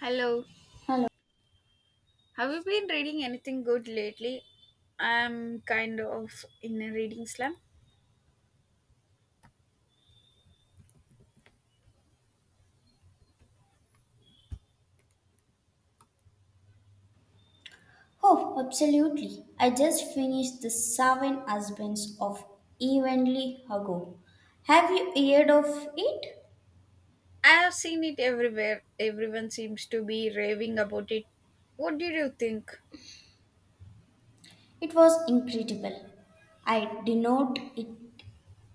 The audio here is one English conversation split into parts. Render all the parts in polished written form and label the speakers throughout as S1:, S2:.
S1: Hello.
S2: Hello.
S1: Have you been reading anything good lately? I'm kind of in a reading slump.
S2: Oh, absolutely. I just finished The Seven Husbands of Evenly Hugo. Have you heard of it?
S1: I have seen it everywhere. Everyone seems to be raving about it. What did you think?
S2: It was incredible. I denote it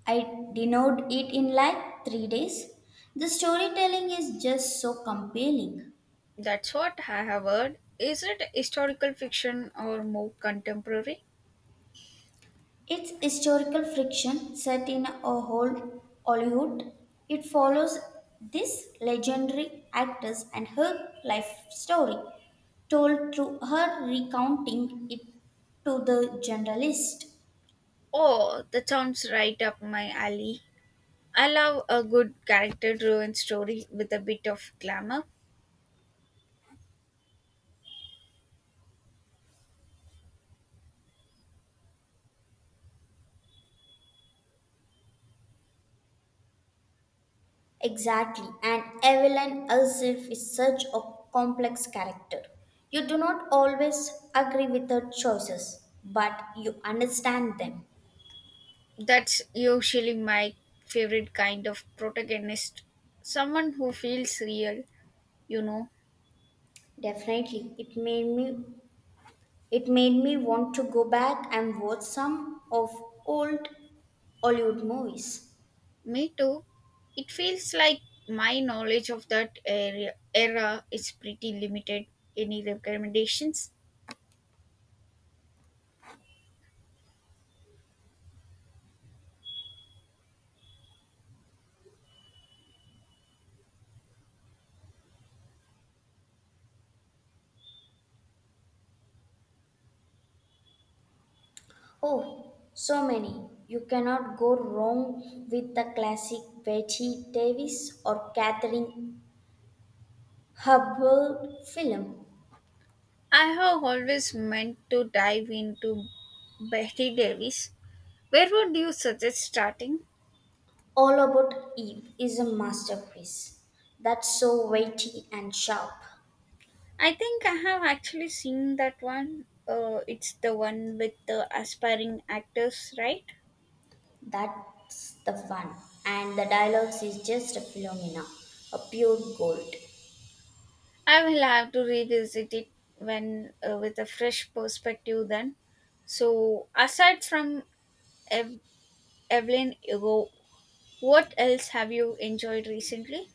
S2: I denote it in like 3 days. The storytelling is just so compelling.
S1: That's what I have heard. Is it historical fiction or more contemporary?
S2: Its historical friction set in a whole Hollywood, it follows this legendary actress and her life story, told through her recounting it to the generalist.
S1: Oh, that sounds right up my alley. I love a good character driven story with a bit of glamour.
S2: Exactly, and Evelyn herself is such a complex character. You do not always agree with her choices, but you understand them.
S1: That's usually my favorite kind of protagonist. Someone who feels real, you know.
S2: Definitely, it made me want to go back and watch some of old Hollywood movies.
S1: Me too. It feels like my knowledge of that area, era is pretty limited. Any recommendations?
S2: Oh, so many. You cannot go wrong with the classic Betty Davis or Catherine Hepburn film.
S1: I have always meant to dive into Betty Davis. Where would you suggest starting?
S2: All About Eve is a masterpiece. That's so weighty and sharp.
S1: I think I have actually seen that one. It's the one with the aspiring actors, right?
S2: That's the fun. And the dialogues is just a phenomena, a pure gold.
S1: I will have to revisit it when with a fresh perspective then. So, aside from Ev- Evelyn Hugo, what else have you enjoyed recently?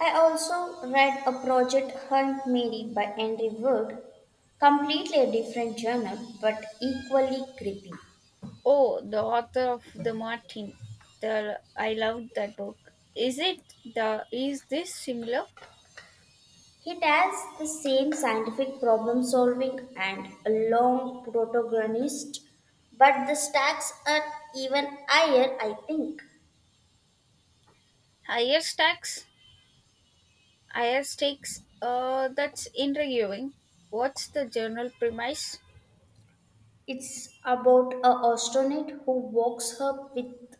S2: I also read a project Hunt Mary by Henry Wood, completely a different genre but equally gripping.
S1: Oh, the author of The Martin. The I loved that book. Is it the is this similar?
S2: It has the same scientific problem solving and a long protagonist, but the stakes are even higher, I think.
S1: Higher stacks, higher stakes. That's intriguing. What's the general premise?
S2: It's about a astronaut who walks up with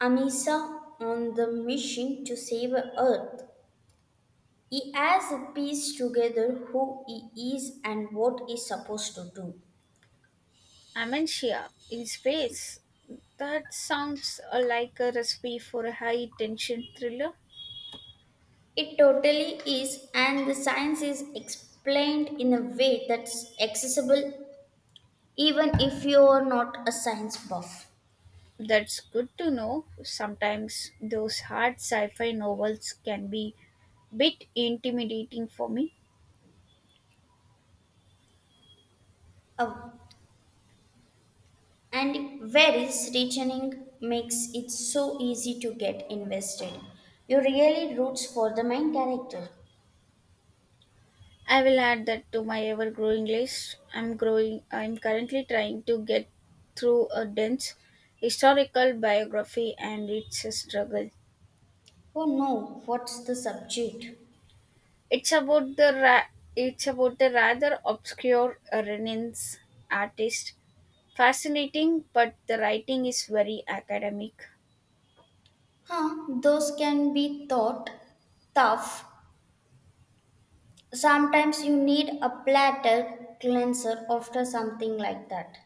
S2: Amisa on the mission to save Earth. He has a piece together who he is and what he's supposed to do.
S1: Amentia in space. That sounds like a recipe for a high tension thriller.
S2: It totally is, and the science is explained in a way that's accessible even if you're not a science buff.
S1: That's good to know. Sometimes those hard sci fi novels can be bit intimidating for me.
S2: Uh, and varies reasoning makes it so easy to get invested. You really roots for the main character.
S1: I will add that to my ever growing list. I'm currently trying to get through a dense historical biography and it's a struggle.
S2: Oh no, what's the subject?
S1: It's about the ra- it's about the rather obscure Renaissance artist. Fascinating, but the writing is very academic.
S2: Huh, those can be thought tough. Sometimes you need a platter cleanser after something like that.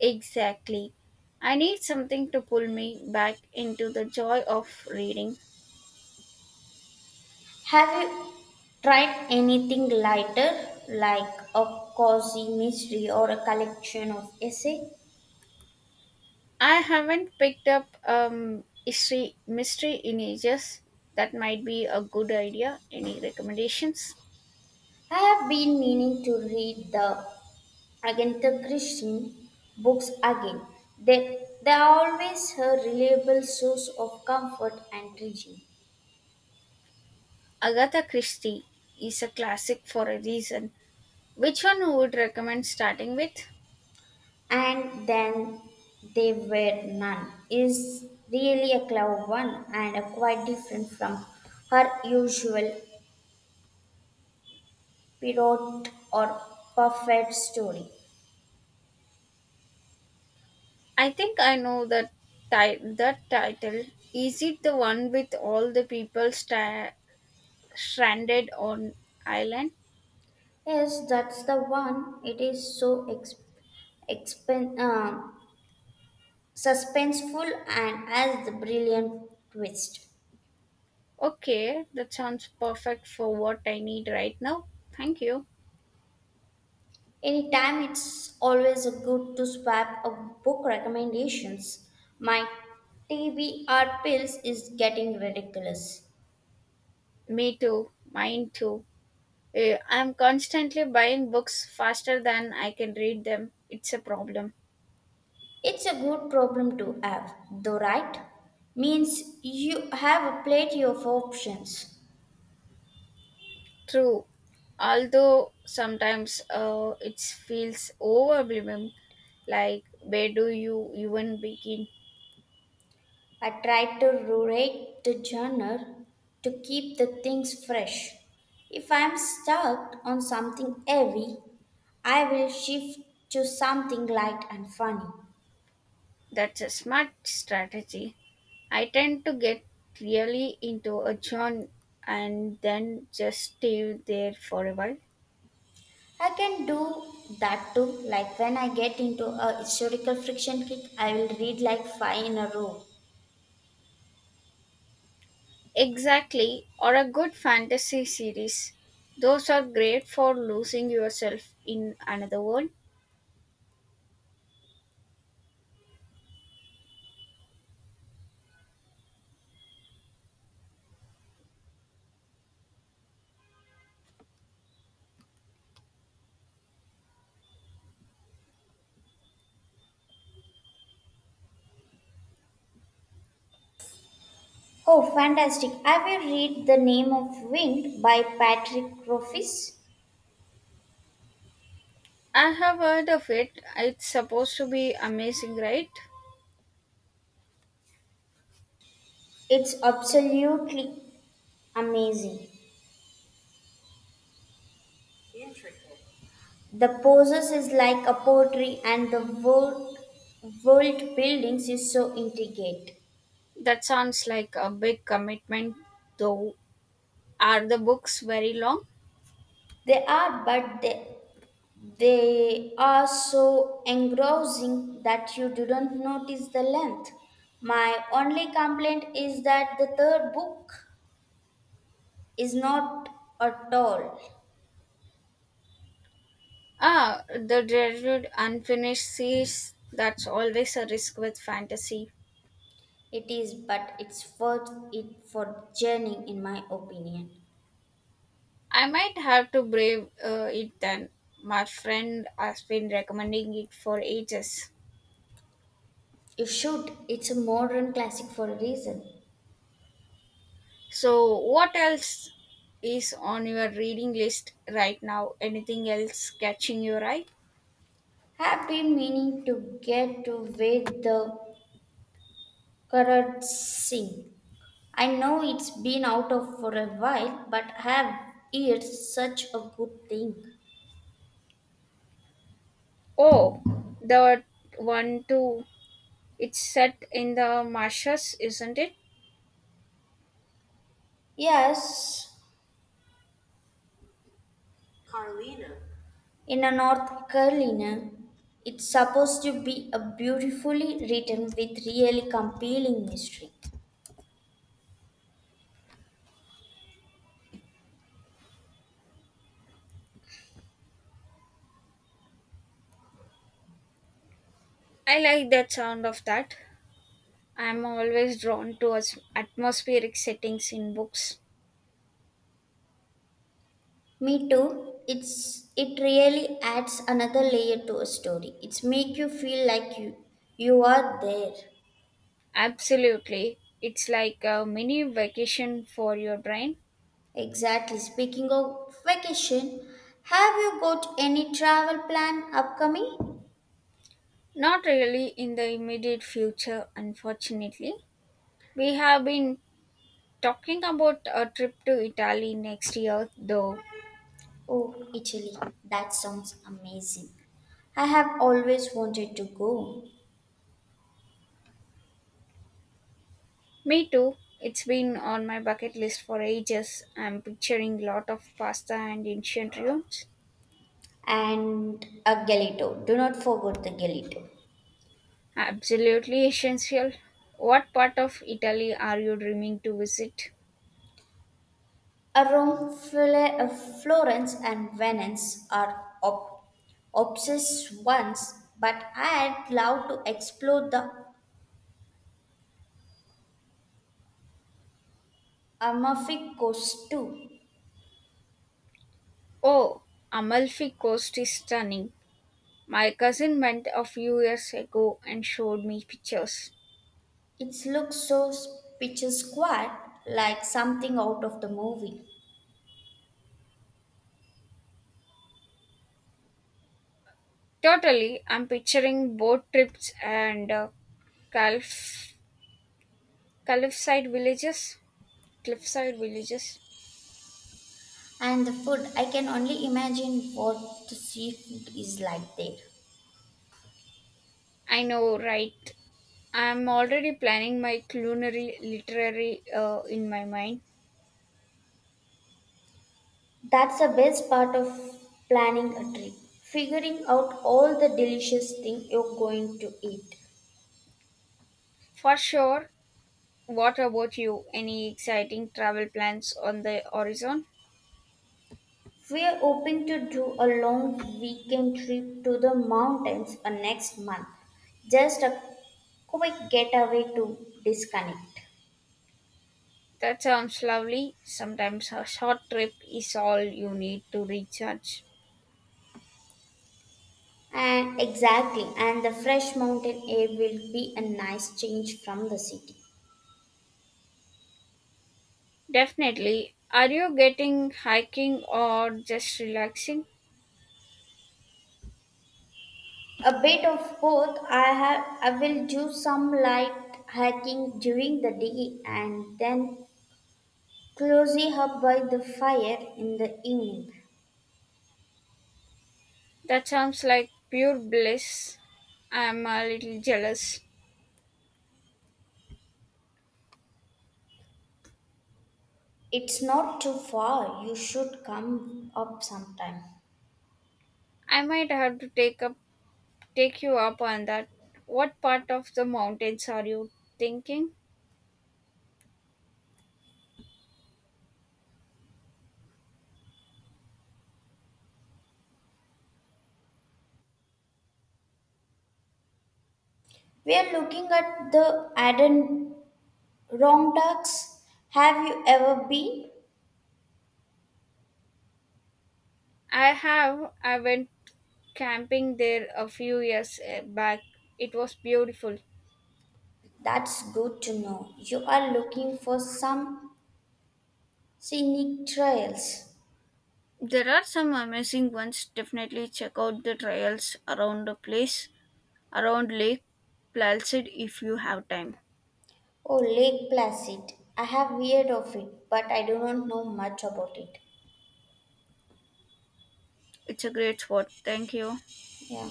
S1: Exactly. I need something to pull me back into the joy of reading.
S2: Have you tried anything lighter, like a cozy mystery or a collection of essay?
S1: I haven't picked up history mystery in ages. That might be a good idea. Any recommendations?
S2: I have been meaning to read the Agatha Christie books again. They are always her reliable source of comfort and teaching.
S1: Agatha Christie is a classic for a reason. Which one would recommend starting with?
S2: And then they were none is really a clever one and a quite different from her usual pirate or perfect story.
S1: I think I know that ti- that title. Is it the one with all the people stranded on island?
S2: Yes, that's the one. It is so ex, expen- uh, suspenseful and has the brilliant twist.
S1: Okay, that sounds perfect for what I need right now. Thank you.
S2: Anytime, it's always a good to swap a book recommendations. My TBR pills is getting ridiculous.
S1: Me too. Mine too. I'm constantly buying books faster than I can read them. It's a problem.
S2: It's a good problem to have, though, right? Means you have plenty of options.
S1: True. Although sometimes it feels overwhelming. Like, where do you even begin?
S2: I try to rate the genre to keep the things fresh. If I'm stuck on something heavy, I will shift to something light and funny.
S1: That's a smart strategy. I tend to get really into a genre and then just stay there for a while.
S2: I can do that too. Like when I get into a historical friction kick, I will read like five in a row.
S1: Exactly, or a good fantasy series. Those are great for losing yourself in another world.
S2: Oh, fantastic. I will read The Name of Wind by Patrick Rothfuss.
S1: I have heard of it. It's supposed to be amazing, right?
S2: It's absolutely amazing. The poses is like a poetry and the world buildings is so intricate.
S1: That sounds like a big commitment, though. Are the books very long?
S2: They are, but they are so engrossing that you do not notice the length. My only complaint is that the third book is not at all.
S1: Ah, the dreaded unfinished series. That's always a risk with fantasy.
S2: It is, but it's worth it for journeying, in my opinion.
S1: I might have to brave it then. My friend has been recommending it for ages.
S2: You should. It's a modern classic for a reason.
S1: So, what else is on your reading list right now? Anything else catching your eye?
S2: Happy meaning to get to with the Karat Singh. I know it's been out of for a while, but I have heard such a good thing.
S1: Oh, the one too. It's set in the marshes, isn't it?
S2: Yes, Carlina. In a North Carolina, it's supposed to be a beautifully written with really compelling mystery.
S1: I like that sound of that. I'm always drawn to atmospheric settings in books.
S2: Me too. It really adds another layer to a story. It's make you feel like you are there.
S1: Absolutely. It's like a mini vacation for your brain.
S2: Exactly. Speaking of vacation, have you got any travel plan upcoming?
S1: Not really in the immediate future, unfortunately. We have been talking about a trip to Italy next year, though.
S2: Oh, Italy. That sounds amazing. I have always wanted to go.
S1: Me too. It's been on my bucket list for ages. I'm picturing lot of pasta and ancient ruins.
S2: And a gelato. Do not forget the gelato.
S1: Absolutely essential. What part of Italy are you dreaming to visit?
S2: Rome, Florence, and Venice are ob- obsessed ones, but I'd love to explore the Amalfi Coast too.
S1: Oh, Amalfi Coast is stunning. My cousin went a few years ago and showed me pictures.
S2: It looks so picture square, like something out of the movie.
S1: Totally, I'm picturing boat trips and calf, cliffside villages. Cliffside villages.
S2: And the food, I can only imagine what the seafood is like there.
S1: I know, right? I'm already planning my culinary literary in my mind.
S2: That's the best part of planning a trip, figuring out all the delicious things you're going to eat.
S1: For sure. What about you? Any exciting travel plans on the horizon?
S2: We're hoping to do a long weekend trip to the mountains next month. Just a quick getaway to disconnect.
S1: That sounds lovely. Sometimes a short trip is all you need to recharge.
S2: And exactly, and the fresh mountain air will be a nice change from the city.
S1: Definitely. Are you getting hiking or just relaxing?
S2: A bit of both. I will do some light hiking during the day and then cozy up by the fire in the evening.
S1: That sounds like pure bliss. I'm a little jealous.
S2: It's not too far. You should come up sometime.
S1: I might have to take you up on that. What part of the mountains are you thinking?
S2: We are looking at the Adirondacks. Have you ever been?
S1: I went camping there a few years back. It was beautiful.
S2: That's good to know. You are looking for some scenic trails.
S1: There are some amazing ones. Definitely check out the trails around the place around Lake Placid if you have time.
S2: Oh, Lake Placid. I have heard of it, but I do not know much about it.
S1: It's a great spot. Thank you.
S2: Yeah.